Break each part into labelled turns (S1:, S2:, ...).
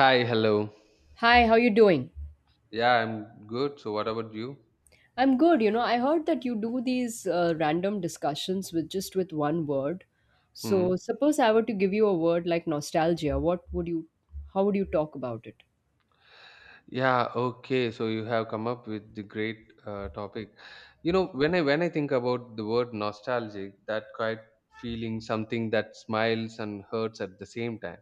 S1: Hi, hello.
S2: Hi, how you doing?
S1: Yeah, I'm good. So, what about you?
S2: I'm good. You know, I heard that you do these random discussions with just with one word. So,
S1: Hmm.
S2: suppose I were to give you a word like nostalgia, what would you how would you talk about it?
S1: Yeah, okay. So you have come up with the great topic. You know, when I think about the word nostalgic, that quite feeling something that smiles and hurts at the same time.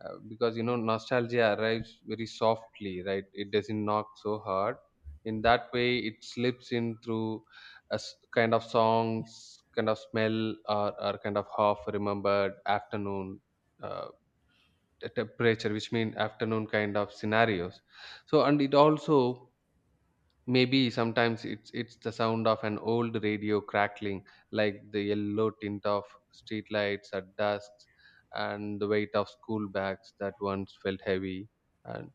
S1: Because you know, nostalgia arrives very softly, right? It doesn't knock so hard. In that way, it slips in through kind of songs, kind of smell, or kind of half remembered afternoon. Uh, Temperature which mean afternoon kind of scenarios. So and it also maybe sometimes it's the sound of an old radio crackling, like the yellow tint of street lights at dusk, and the weight of school bags that once felt heavy. And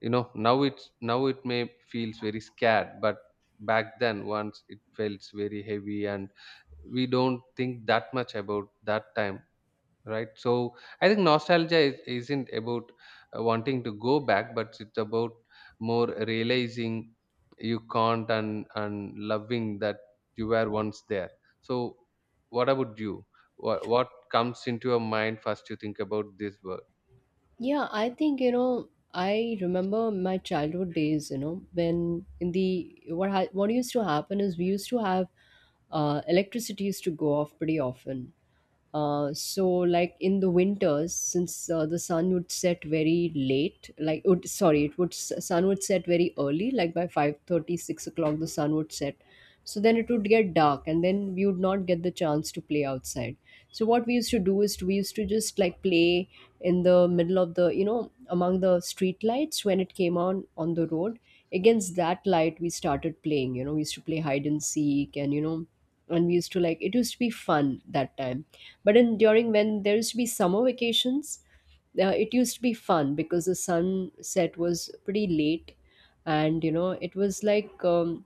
S1: you know now it may feels very scared, but back then once it felt very heavy. And we don't think that much about that time, right? So I think nostalgia isn't about wanting to go back, but it's about more realizing you can't, and loving that you were once there. So what about you? What comes into your mind first you think about this work?
S2: Yeah, I think, you know, I remember my childhood days, you know, when in the what used to happen is we used to have electricity used to go off pretty often. So like in the winters, since the sun would set very late, like would, sorry, it would s- sun would set very early, like by 5:30, 6 o'clock, the sun would set. So then it would get dark, and then we would not get the chance to play outside. So what we used to do is we used to just like play in the middle of the, you know, among the street lights when it came on the road. Against that light, we started playing. You know, we used to play hide and seek, and we used to like it used to be fun that time. But in during when there used to be summer vacations, it used to be fun because the sunset was pretty late, and, you know, it was like.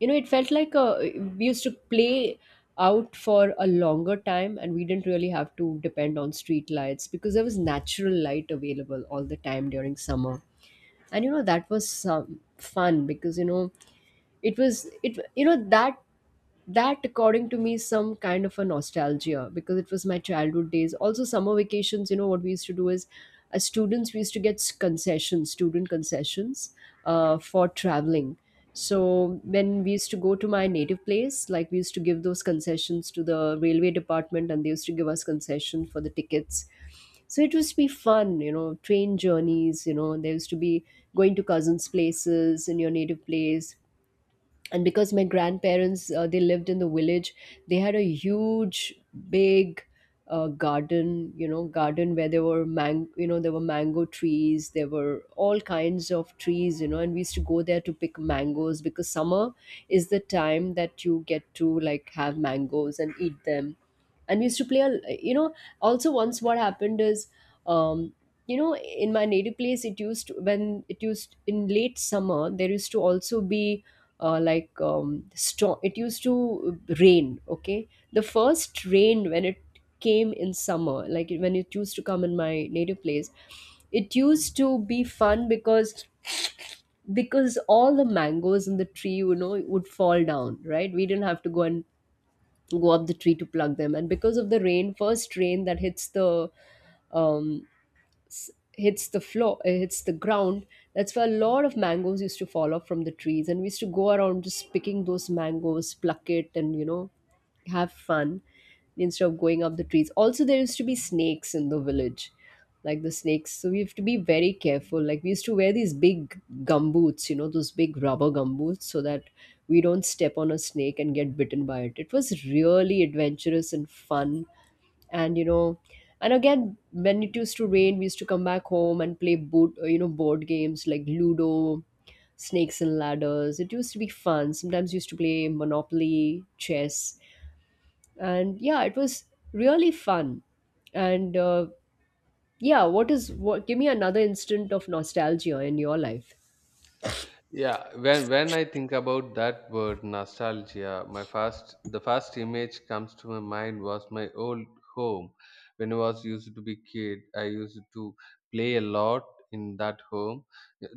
S2: You know, it felt like we used to play out for a longer time, and we didn't really have to depend on street lights because there was natural light available all the time during summer. And, you know, that was some fun because, you know, it was it you know that according to me is some kind of a nostalgia, because it was my childhood days. Also, summer vacations, you know what we used to do is, as students, we used to get s- concessions student concessions for traveling. So when we used to go to my native place, like, we used to give those concessions to the railway department, and they used to give us concession for the tickets. So it used to be fun, you know, train journeys, you know, there used to be going to cousins places in your native place. And because my grandparents, they lived in the village, they had a huge big garden you know garden where there were mango trees, there were all kinds of trees, you know. And we used to go there to pick mangoes, because summer is the time that you get to like have mangoes and eat them. And we used to play, a you know also, once what happened is, um in my native place when it used in late summer, there used to also be like storm, it used to rain. Okay, the first rain, when it came in summer, like when it used to come in my native place, it used to be fun, because all the mangoes in the tree, you know, would fall down, right? We didn't have to go up the tree to plug them. And because of the rain, first rain that hits the um s- hits the floor, hits the ground. That's where a lot of mangoes used to fall off from the trees, and we used to go around just picking those mangoes, pluck it, and, you know, have fun instead of going up the trees. Also, there used to be snakes in the village, like the snakes, so we have to be very careful. Like, we used to wear these big gumboots, you know, those big rubber gumboots, so that we don't step on a snake and get bitten by it. It was really adventurous and fun. And, you know, and again, when it used to rain, we used to come back home and play boot you know board games like ludo, snakes and ladders. It used to be fun. Sometimes we used to play monopoly, chess, and yeah, it was really fun. And yeah, what is what give me another instant of nostalgia in your life.
S1: Yeah, when I think about that word nostalgia, my first the first image comes to my mind was my old home. When I was used to be kid, I used to play a lot in that home.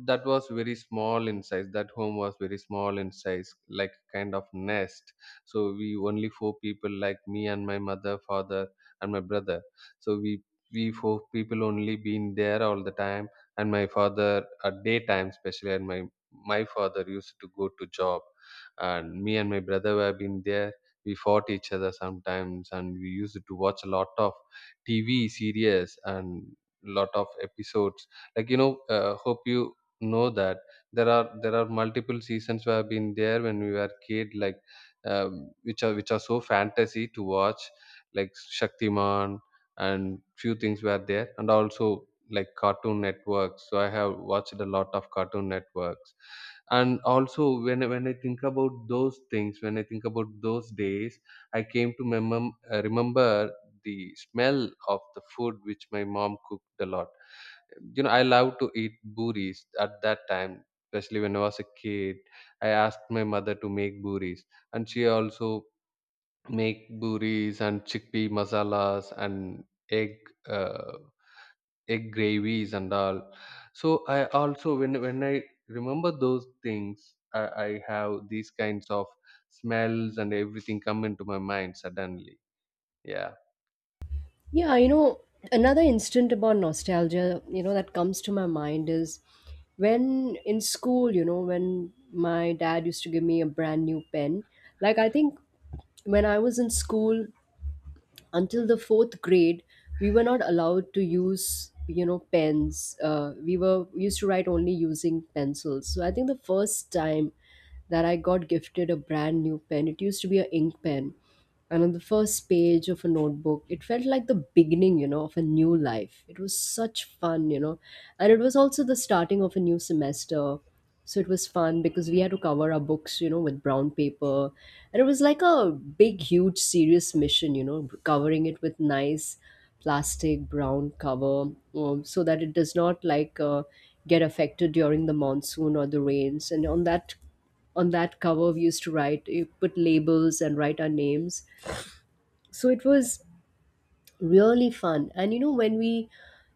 S1: That was very small in size. That home was very small in size, like kind of nest. So we only four people, like me and my mother, father, and my brother. So we four people only been there all the time. And my father at daytime especially, and my father used to go to job. And me and my brother were been there. We fought each other sometimes, and we used to watch a lot of tv series and lot of episodes, like you know hope you know that there are multiple seasons where have been there when we were kid, like which are so fantasy to watch, like Shaktiman. And few things were there, and also like cartoon networks, so I have watched a lot of cartoon networks. And also when I think about those things, when I think about those days, I came to remember the smell of the food which my mom cooked a lot. You know I love to eat buris at that time, especially when I was a kid. I asked my mother to make buris, and she also make buris and chickpea masalas and egg uh, egg gravies and all. So I also, when I remember those things, I have these kinds of smells and everything come into my mind suddenly. Yeah.
S2: Yeah, you know, another instant about nostalgia, you know, that comes to my mind is when in school, you know, when my dad used to give me a brand new pen. Like, I think when I was in school, until the fourth grade, we were not allowed to use, you know, pens. Uh, we used to write only using pencils. So I think the first time that I got gifted a brand new pen, it used to be a ink pen, and on the first page of a notebook it felt like the beginning, you know, of a new life. It was such fun, you know. And it was also the starting of a new semester, so it was fun because we had to cover our books, you know, with brown paper, and it was like a big huge serious mission, you know, covering it with nice plastic brown cover. So that it does not like get affected during the monsoon or the rains. And on that cover we used to write, you put labels and write our names. So it was really fun. And, you know, when we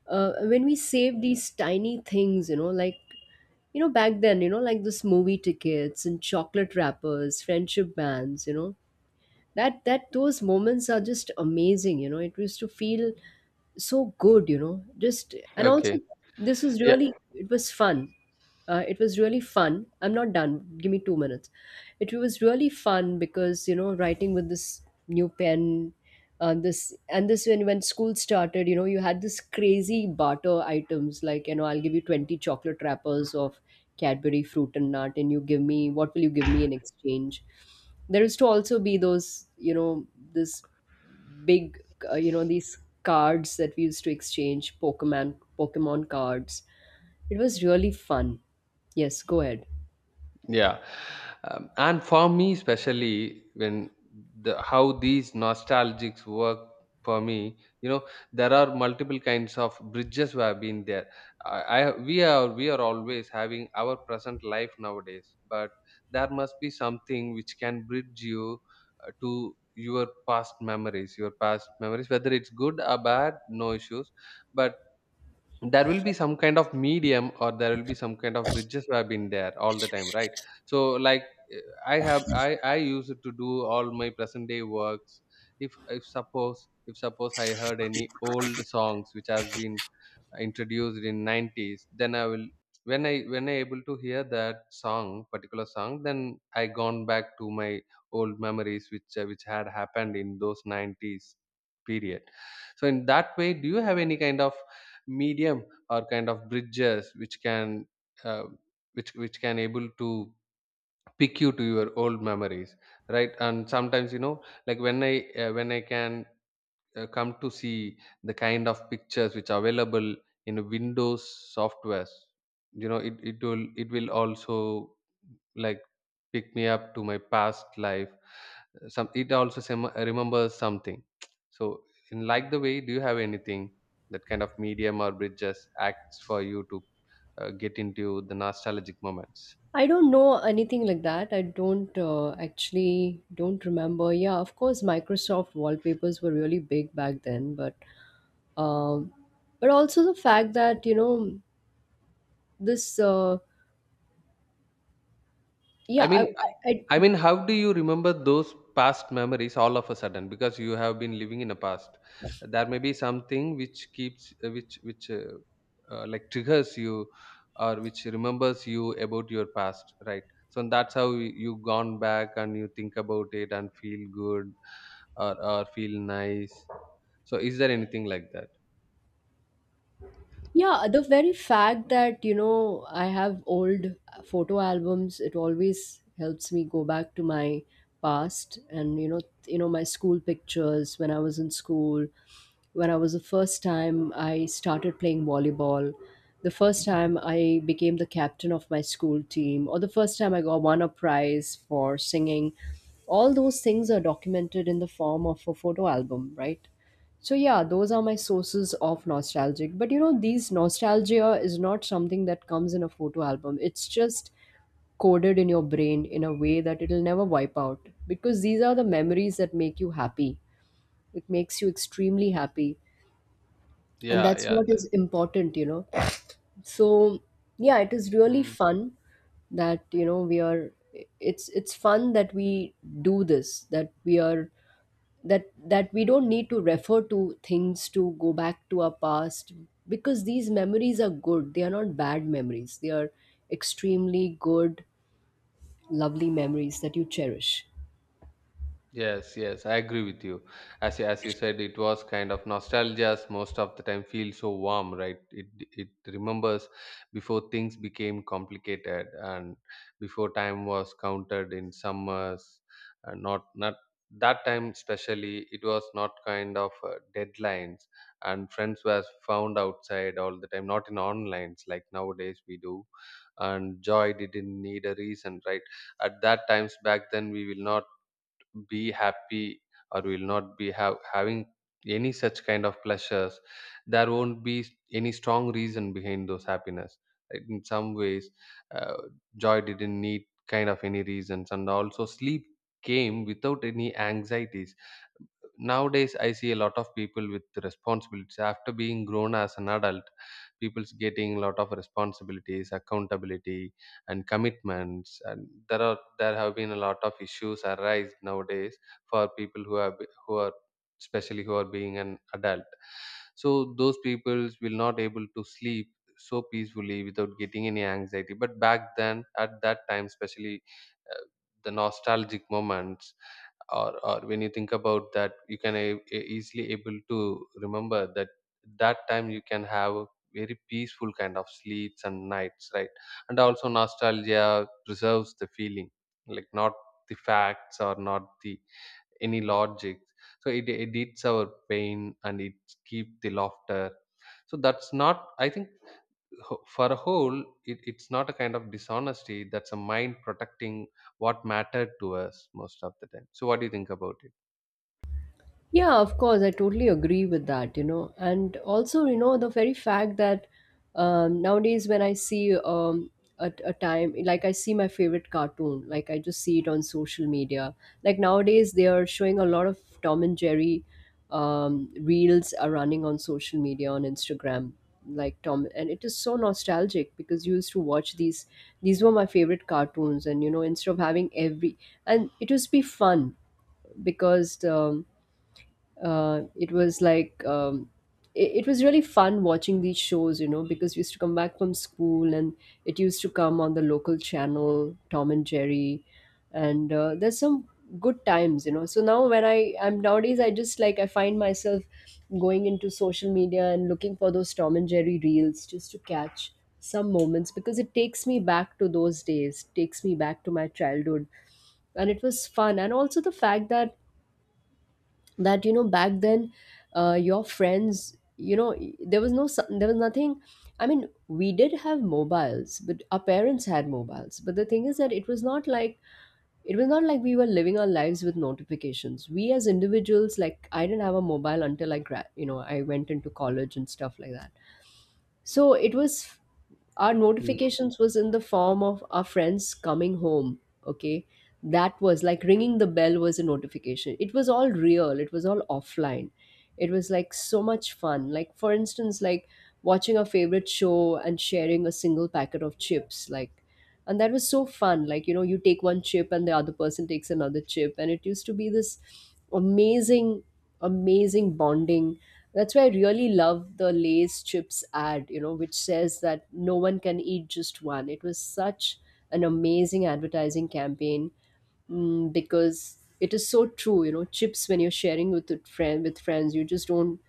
S2: when we save these tiny things, you know, like, you know, back then, you know, like this movie tickets and chocolate wrappers, friendship bands, you know, that those moments are just amazing. You know, it used to feel so good, you know. Just and also
S1: Okay.
S2: this is really it was fun. It was really fun. I'm not done. Give me 2 minutes. It was really fun because, you know, writing with this new pen, this and this when school started, you know, you had this crazy barter items, like, you know, I'll give you 20 chocolate wrappers of Cadbury fruit and nut, and you give me what will you give me in exchange? There used to also be those, you know, this big these cards that we used to exchange, Pokemon cards. It was really fun. Yes, go ahead.
S1: Yeah. And for me, especially when the how these nostalgics work for me, you know, there are multiple kinds of bridges who have been there. I, I We are always having our present life nowadays, but there must be something which can bridge you to your past memories, whether it's good or bad, no issues. But there will be some kind of medium, or there will be some kind of bridges where have been there all the time, right? So like, eh, I have I use it to do all my present day works. If suppose I heard any old songs which has been introduced in 90s, then I will, when I able to hear that song particular song, then I gone back to my old memories which had happened in those 90s period. So in that way, do you have any kind of medium or kind of bridges which can, uh, which can able to pick you to your old memories, right? And sometimes you know, like when I can, come to see the kind of pictures which are available in windows softwares, you know, it will also like pick me up to my past life. Some it also remembers something. So in like the way, do you have anything that kind of medium or bridges acts for you to get into the nostalgic moments?
S2: I don't know anything like that. I don't remember. Yeah, of course, Microsoft wallpapers were really big back then, um but also the fact that, you know, this yeah,
S1: I mean, uh, I
S2: I
S1: mean, how do you remember those past memories all of a sudden? Because you have been living in a past. There may be something which keeps, which like triggers you, or which remembers you about your past, right? So that's how you gone back and you think about it and feel good, or feel nice. So is there anything like that?
S2: Yeah, the very fact that, you know, I have old photo albums, it always helps me go back to my past. And, you know, my school pictures, when I was in school, when I was the first time I started playing volleyball, the first time I became the captain of my school team, or the first time I got won a prize for singing. All those things are documented in the form of a photo album, right? So yeah, those are my sources of nostalgic. But, you know, these nostalgia is not something that comes in a photo album. It's just coded in your brain in a way that it'll never wipe out, because these are the memories that make you happy. It makes you extremely happy, and
S1: Yeah,
S2: that's
S1: yeah.
S2: what is important, you know. So yeah, it is really
S1: that-
S2: fun that, you know, we are, it's fun that we do this, that we are that that we don't need to refer to things to go back to our past, because these memories are good. They are not bad memories, they are extremely good, lovely memories that you cherish.
S1: Yes, yes, I agree with you. As you said, it was kind of nostalgia's most of the time feels so warm, right? It remembers before things became complicated, and before time was counted in summers. And not that time especially it was not kind of deadlines, and friends were found outside all the time, not in onlines like nowadays we do. And joy didn't need a reason, right? At that times back then, we will not be happy, or will not be having any such kind of pleasures. There won't be any strong reason behind those happiness, right? In some ways, uh, joy didn't need kind of any reasons. And also sleep came without any anxieties. Nowadays I see a lot of people with responsibilities after being grown as an adult. People's getting a lot of responsibilities, accountability, and commitments. And there have been a lot of issues arise nowadays for people who are especially who are being an adult. So those people will not able to sleep so peacefully without getting any anxiety. But back then at that time especially, uh, the nostalgic moments, or when you think about that, you can easily able to remember that time you can have a very peaceful kind of sleeps and nights, right? And also nostalgia preserves the feeling, like not the facts or not the any logic. So it edits our pain and it keep the laughter. So that's not, I think, for a whole, it's not a kind of dishonesty. That's a mind protecting what mattered to us most of the time. So what do you think about
S2: Yeah, of course, I totally agree with that, you know. And also, you know, the very fact that nowadays when I see, a time, like, I see my favorite cartoon, like, I just see it on social media. Like, nowadays, they are showing a lot of Tom and Jerry, reels are running on social media on Instagram, like Tom, and it is so nostalgic, because you used to watch These were my favorite cartoons, and, you know, instead of having every and it used to be fun because uh, it was like um, it was really fun watching these shows, you know, because we used to come back from school and it used to come on the local channel, Tom and Jerry. And there's some good times, you know. So now when I am nowadays, I just, like, I find myself going into social media and looking for those Tom and Jerry reels just to catch some moments because it takes me back to those days, takes me back to my childhood, and it was fun. And also the fact that that back then, your friends, there was nothing. I mean, we did have mobiles, but our parents had mobiles, but the thing is that it was not like we were living our lives with notifications. We as individuals, like, I didn't have a mobile until I gra- you know I went into college and stuff like that. So it was, our
S1: it?
S2: notifications was in the form of our friends coming home. Okay. That was like ringing the bell was a notification. It was all real, it was all offline. It was like so much fun, like, for instance, like watching our favorite show and sharing a single packet of chips. Like, and that was so fun, like, you know, you take one chip and the other person takes another chip, and it used to be this amazing, amazing bonding. That's why I really love the Lay's chips ad, you know, which says that no one can eat just one. It was such an amazing advertising campaign. Because it is so true. You know, chips, when you're sharing with a friend, with friends, you just don't,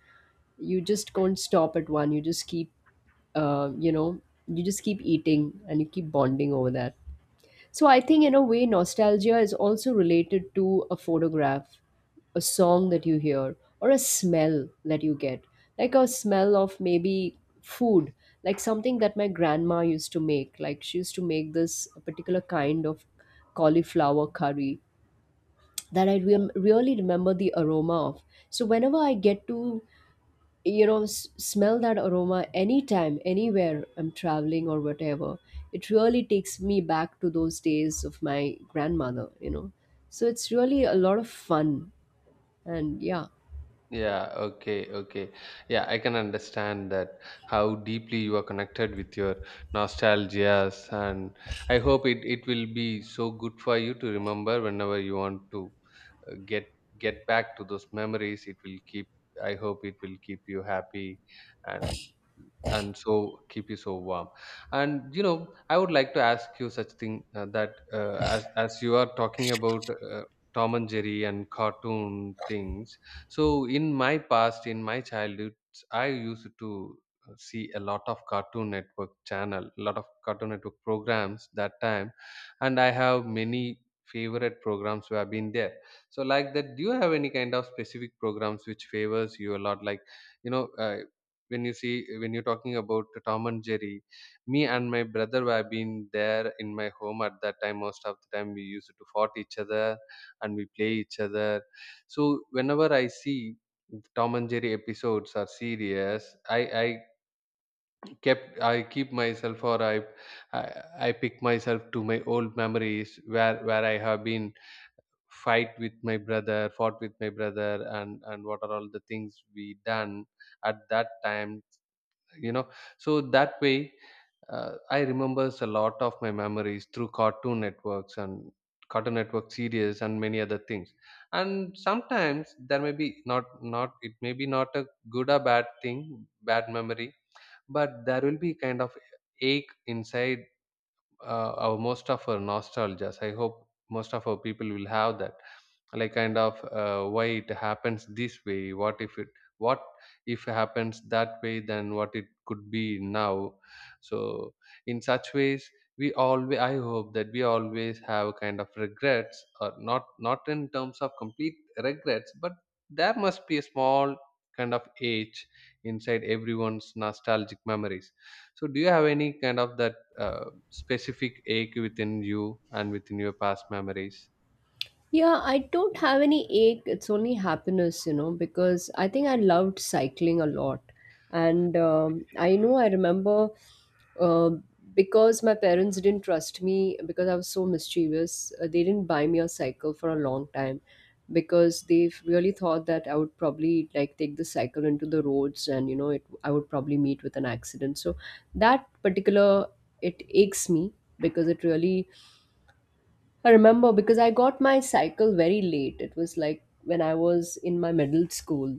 S2: you just can't stop at one. You just keep, you know, you just keep eating, and you keep bonding over that. So I think, in a way, nostalgia is also related to a photograph, a song that you hear, or a smell that you get, like a smell of maybe food, like something that my grandma used to make. Like she used to make this particular kind of cauliflower curry that really remember the aroma of. So whenever I get to smell that aroma, anytime, anywhere, I'm traveling or whatever, it really takes me back to those days of my grandmother, you know. So it's really a lot of fun. And yeah.
S1: Yeah, okay, okay. Yeah, I can understand that how deeply you are connected with your nostalgias. And I hope it will be so good for you to remember whenever you want to uh, get get back to those memories. It will keep I hope it will keep you happy, and and so keep you so warm. And you know I would like to ask you such thing, that as you are talking about tom and jerry and cartoon things. So in my past, in my childhood, I used to see a lot of cartoon network channel, a lot of cartoon network programs that time. And I have many favorite programs who have been there. So like that, do you have any kind of specific programs which favors you a lot, like you know when you're talking about tom and jerry. Me and my brother were been there in my home at that time. Most of the time we used to fought each other and we play each other. So whenever I see tom and jerry episodes are serious, I keep myself, or i, I pick myself to my old memories, where I have been fight with my brother fought with my brother, and what are all the things we done at that time, you know. So that way, I remembers a lot of my memories through cartoon networks and cartoon network series and many other things. And sometimes there may be not not it may be not a good or bad thing, bad memory, but there will be kind of ache inside. Our most of our nostalgias, I hope most of our people will have that, like kind of, why it happens this way, what if happens that way, then what it could be now. So in such ways, we always, I hope that we always have kind of regrets, or not in terms of complete regrets, but there must be a small kind of age inside everyone's nostalgic memories. So do you have any kind of that specific ache within you and within your past memories?
S2: Yeah, I don't have any ache. It's only happiness, you know, because I think I loved cycling a lot. And I know, I remember, uh, because my parents didn't trust me because I was so mischievous, they didn't buy me a cycle for a long time because they really thought that I would probably, like, take the cycle into the roads and, you know, it, I would probably meet with an accident. So that particular, it aches me because it really, I remember, because I got my cycle very late. It was like when I was in my middle school.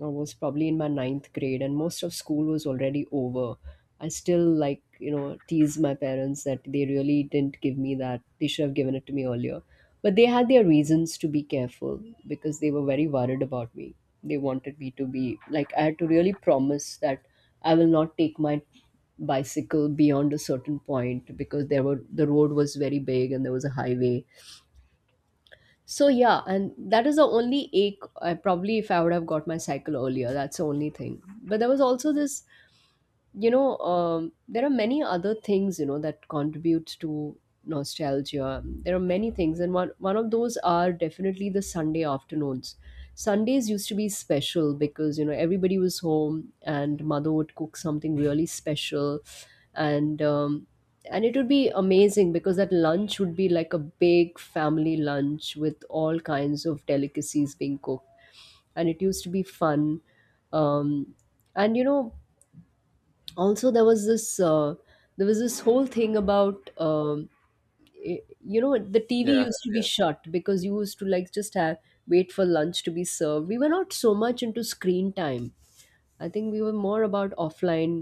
S2: I was probably in my ninth grade, and most of school was already over. I still, like, you know, tease my parents that they really didn't give me that. They should have given it to me earlier, but they had their reasons to be careful because they were very worried about me. They wanted me to be like, I had to really promise that I will not take my bicycle beyond a certain point because there were, the road was very big and there was a highway. So yeah, and that is the only ache. I probably, if I would have got my cycle earlier, that's the only thing. But there was also this, you know, there are many other things, you know, that contribute to nostalgia. There are many things, and one of those are definitely the Sunday afternoons. Sundays used to be special because, you know, everybody was home and mother would cook something really special. And and it would be amazing because that lunch would be like a big family lunch with all kinds of delicacies being cooked. And it used to be fun. um, and, you know, also there was this whole thing about, the TV
S1: Yeah,
S2: used to be
S1: yeah.
S2: shut because you used to, like, just have, wait for lunch to be served. We were not so much into screen time. I think we were more about offline,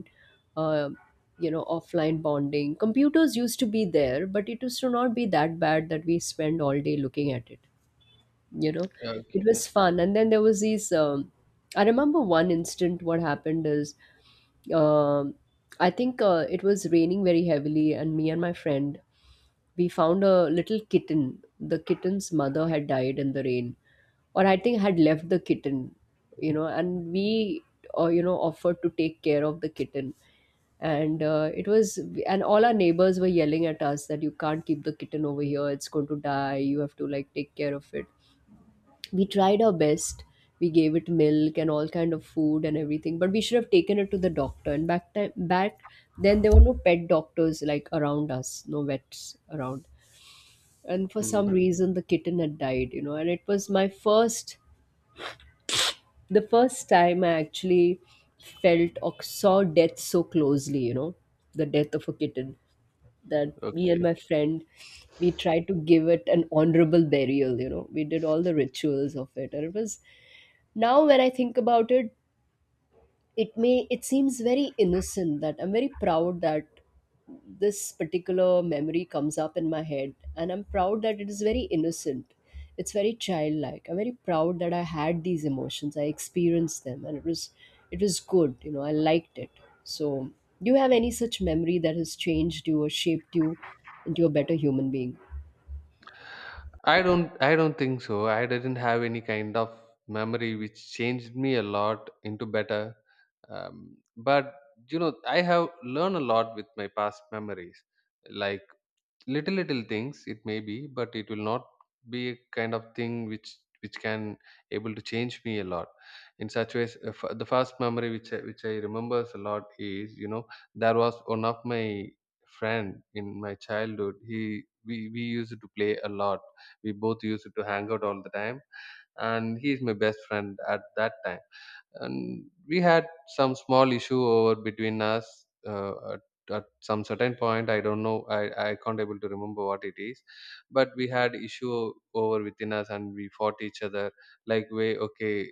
S2: uh, you know, offline bonding. Computers used to be there, but it used to not be that bad that we spend all day looking at it, you know. It
S1: Okay.
S2: was fun. And then there was these, I remember one instant what happened is, um, I think, it was raining very heavily, and me and my friend, we found a little kitten. The kitten's mother had died in the rain, or I think had left the kitten, you know. And we, you know, offered to take care of the kitten. And it was, and all our neighbors were yelling at us that you can't keep the kitten over here, it's going to die, you have to like take care of it. We tried our best. We gave it milk and all kind of food and everything, but we should have taken it to the doctor. And back then, there were no pet doctors like around us, no vets around. And for some
S1: Hmm.
S2: reason, the kitten had died, you know. And it was my first the first time I actually felt or saw death so closely, you know, the death of a kitten, that me and
S1: Okay.
S2: my friend, we tried to give it an honorable burial, you know. We did all the rituals of it, and it was, now when I think about it, it may, it seems very innocent, that I'm very proud that this particular memory comes up in my head. And I'm proud that it is very innocent. It's very childlike. I'm very proud that I had these emotions, I experienced them, and it was, it was good, you know, I liked it. So do you have any such memory that has changed you or shaped you into a better human being?
S1: I don't think so. I didn't have any kind of memory which changed me a lot into better. But you know, I have learned a lot with my past memories. Like little things it may be, but it will not be a kind of thing which can able to change me a lot in such ways. The first memory which I remembers a lot is. There was one of my friend in my childhood. He we we used to play a lot. We both used to hang out all the time, and he is my best friend at that time. And we had some small issue over between us at some certain point. I don't know, I can't able to remember what it is, but we had issue over within us and we fought each other like, way, okay,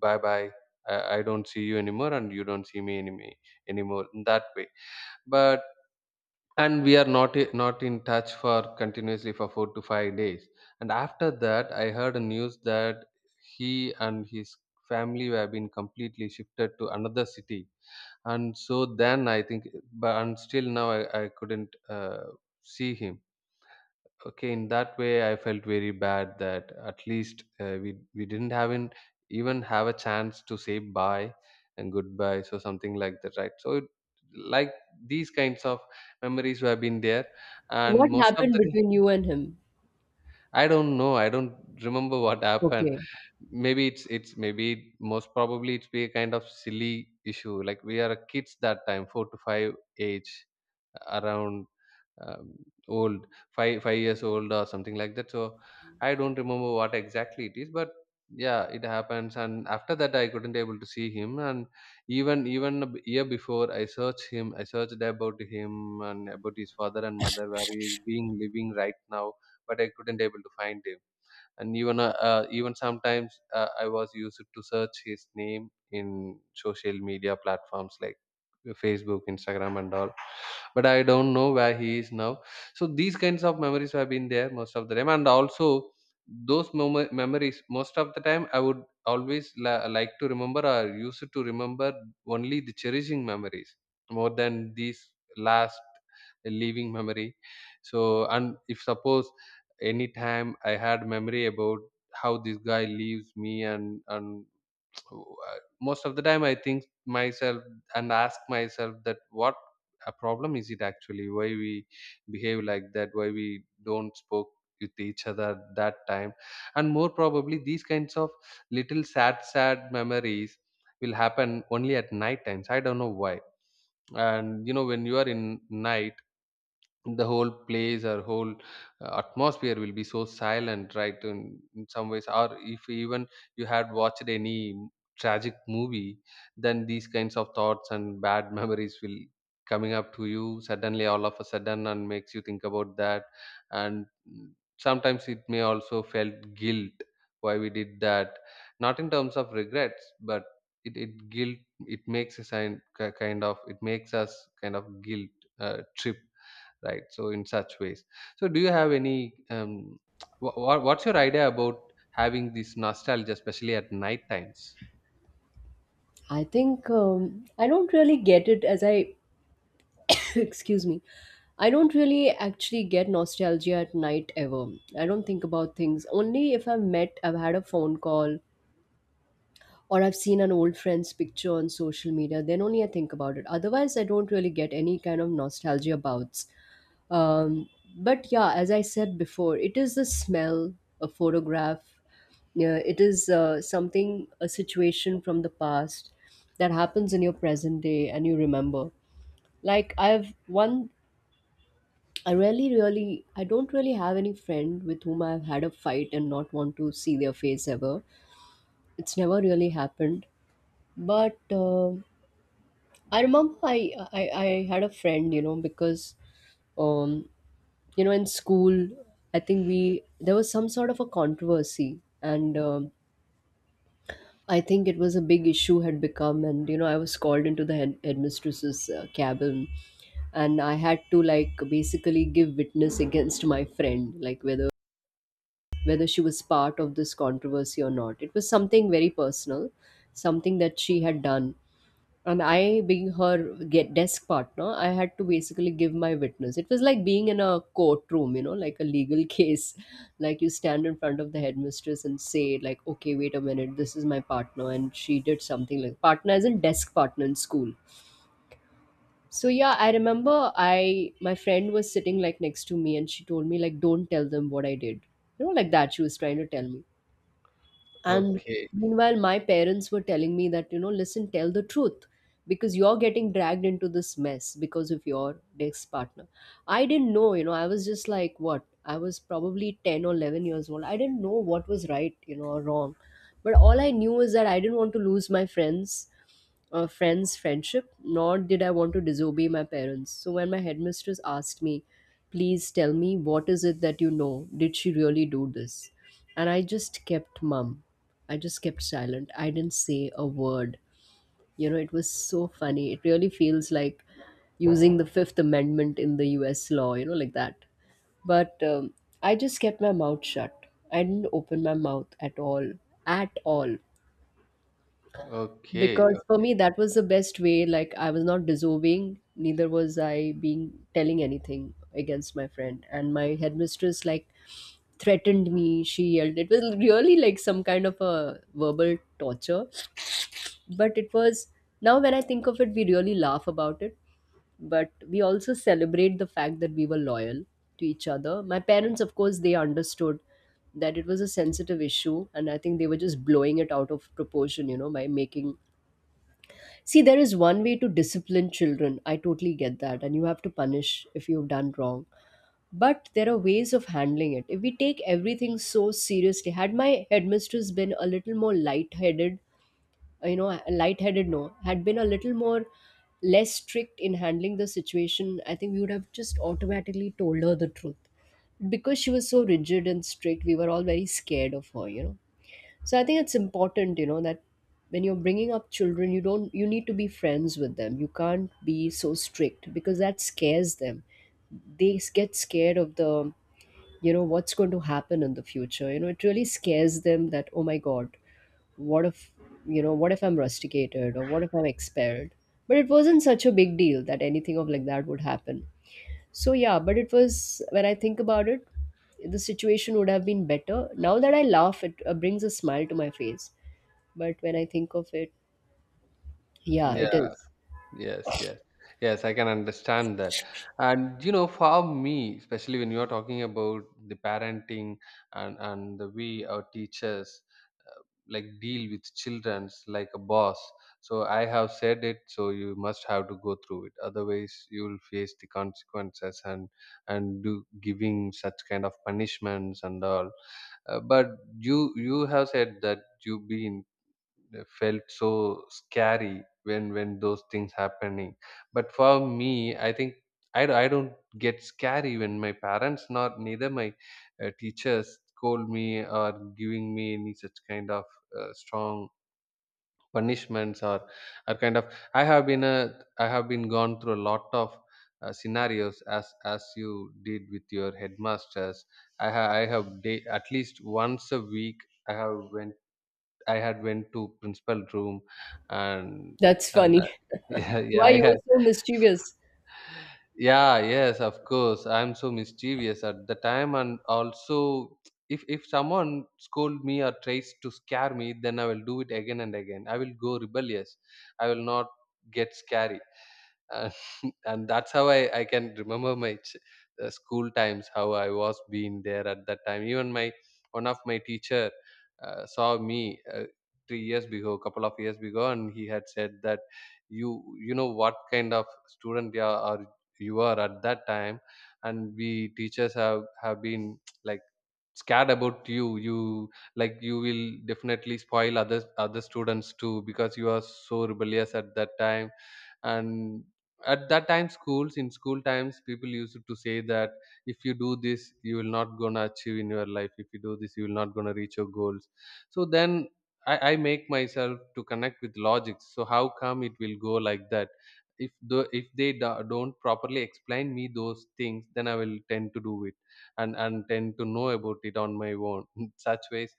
S1: bye bye. I don't see you anymore, and you don't see me anymore, in that way. But and we are not in touch for continuously for 4 to 5 days. And after that, I heard a news that he and his family were been completely shifted to another city, and so then I think. But and still now I couldn't see him, okay, in that way. I felt very bad that at least, we didn't even have a chance to say bye and goodbye, so something like that, right. Like these kinds of memories have been there,
S2: What
S1: and most of
S2: happened
S1: the
S2: between you and him?
S1: I don't know. I don't remember what happened.
S2: Okay.
S1: Maybe it's maybe most probably it's be a kind of silly issue. Like we are kids that time, 4 to 5 age, around, um, old, five years old or something like that. So I don't remember what exactly it is, but yeah, it happens. And after that, I couldn't able to see him. And year before, I searched him. I searched about him and about his father and mother, where he is being living right now, but I couldn't able to find him. And even sometimes, I was used to search his name in social media platforms like Facebook, Instagram, and all. But I don't know where he is now. So these kinds of memories have been there most of the time, and also those memories most of the time I would always like to remember, or used to remember only the cherishing memories more than these last living memory. So, and if suppose anytime I had memory about how this guy leaves me, and most of the time I think myself and ask myself that what a problem is it, actually, why we behave like that, why we don't spoke with each other at that time. And more probably these kinds of little sad memories will happen only at night times, I don't know why. And when you are in night, the whole place or whole, atmosphere will be so silent, right, in some ways. Or if even you had watched any tragic movie, then these kinds of thoughts and bad memories will coming up to you suddenly, all of a sudden, and makes you think about that. And sometimes it may also felt guilt, why we did that, not in terms of regrets, but it guilt, it makes a sign kind of, it makes us kind of guilt trip, right. So in such ways, so do you have any what's your idea about having this nostalgia, especially at night times?
S2: I think, I don't really get it, as I excuse me, I don't really actually get nostalgia at night ever. I don't think about things only if I've met, I've had a phone call, or I've seen an old friend's picture on social media, then only I think about it. Otherwise, I don't really get any kind of nostalgia bouts. um, but yeah, as I said before, it is the smell, a photograph. Yeah, it is, something, a situation from the past that happens in your present day, and you remember. Like, I've one, I really, really, I don't really have any friend with whom I've had a fight and not want to see their face ever. It's never really happened. But I remember, I had a friend, you know. Because, um, you know, in school, there was some sort of a controversy. And I think it was a big issue had become. And, you know, I was called into the headmistress's cabin. And I had to, like, basically give witness against my friend, like, whether she was part of this controversy or not. It was something very personal, something that she had done. And I, being her, get desk partner, I had to basically give my witness. It was like being in a courtroom, you know, like a legal case. Like, you stand in front of the headmistress and say, like, okay, wait a minute, this is my partner, and she did something, like, partner as in desk partner in school. So yeah, I remember, I, my friend was sitting like next to me, and she told me, like, don't tell them what I did. You know, like that she was trying to tell me. And
S1: Okay,
S2: meanwhile, my parents were telling me that, you know, listen, tell the truth, because you're getting dragged into this mess because of your ex partner. I didn't know, you know, I was just like, what? I was probably 10 or 11 years old. I didn't know what was right, you know, or wrong. But all I knew is that I didn't want to lose my friends' friendship, nor did I want to disobey my parents. So when my headmistress asked me, please tell me, what is it that you know? Did she really do this? And I just kept mum. I just kept silent. I didn't say a word. You know, it was so funny. It really feels like using the Fifth Amendment in the US law, you know, like that. But I just kept my mouth shut. I didn't open my mouth at all, at all.
S1: okay.
S2: Because for me, that was the best way. Like, I was not deserving, neither was I being telling anything against my friend. And my headmistress, like, threatened me, she yelled. It was really like some kind of a verbal torture. But it was, now when I think of it, we really laugh about it. But we also celebrate the fact that we were loyal to each other. My parents, of course, they understood that it was a sensitive issue, and I think they were just blowing it out of proportion, you know, by making, see, there is one way to discipline children. I totally get that. And you have to punish if you've done wrong. But there are ways of handling it. If we take everything so seriously, had my headmistress been a little more light-headed, you know, light-headed, no, had been a little more less strict in handling the situation, I think we would have just automatically told her the truth. Because she was so rigid and strict, we were all very scared of her, you know. So I think it's important, you know, that when you're bringing up children, you don't, you need to be friends with them. You can't be so strict, because that scares them. They get scared of the, you know, what's going to happen in the future. You know, it really scares them that, oh my god, what if, you know, what if I'm rusticated or what if I'm expelled? But it wasn't such a big deal that anything of like that would happen. So yeah, but it was, when I think about it, the situation would have been better. Now that I laugh, it brings a smile to my face, but when I think of it, yeah, it
S1: Yeah.
S2: is.
S1: Yes, yes. Yes, I can understand that. And you know, for me, especially when you're talking about the parenting and the way our teachers, uh, like, deal with children's like a boss. So I have said it, so you must have to go through it. Otherwise, you will face the consequences and do giving such kind of punishments and all. But you have said that you've been felt so scary when those things happening. But for me, I think I don't get scary when my parents not, neither my, teachers scold me or giving me any such kind of, strong punishments or kind of. I have been gone through a lot of, scenarios, as you did with your headmasters. I ha- I have day, At least once a week, i have went I had went to principal room. and
S2: That's
S1: and
S2: funny.
S1: yeah, yeah,
S2: Why
S1: I
S2: you
S1: had.
S2: were so mischievous?
S1: Yeah, yes, of course. I'm so mischievous at the time, and also, if someone scold me or tries to scare me, then I will do it again and again. I will go rebellious. I will not get scary. and, and that's how I can remember my school times. How I was being there at that time, even my one of my teacher, saw me, 3 years ago, couple of years ago, and he had said that you know what kind of student you are at that time. And we teachers have been like scared about You will definitely spoil other students too, because you are so rebellious at that time. And at that time schools in school times, people used to say that if you do this, you will not gonna achieve in your life, if you do this, you will not gonna reach your goals. So then, I make myself to connect with logics, so how come it will go like that. If they don't properly explain me those things, then I will tend to do it and tend to know about it on my own in such ways.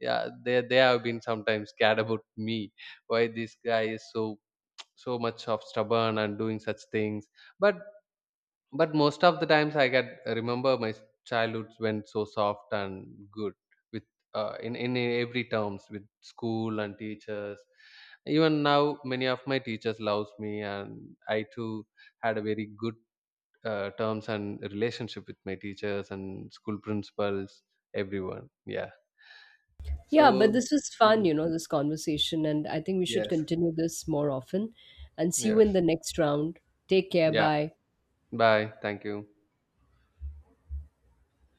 S1: Yeah, they have been sometimes scared about me, why this guy is so much of stubborn and doing such things. But but most of the times I get remember my childhood went so soft and good with, in every terms with school and teachers. Even now, many of my teachers loves me, and I too had a very good, terms and relationship with my teachers and school principals, everyone. Yeah.
S2: Yeah,
S1: So,
S2: but this was fun,
S1: mm,
S2: you know, this conversation. And I think we should
S1: yes,
S2: continue this more often. And see you in
S1: yes.
S2: the next round. Take care.
S1: Yeah.
S2: Bye.
S1: Bye, thank you.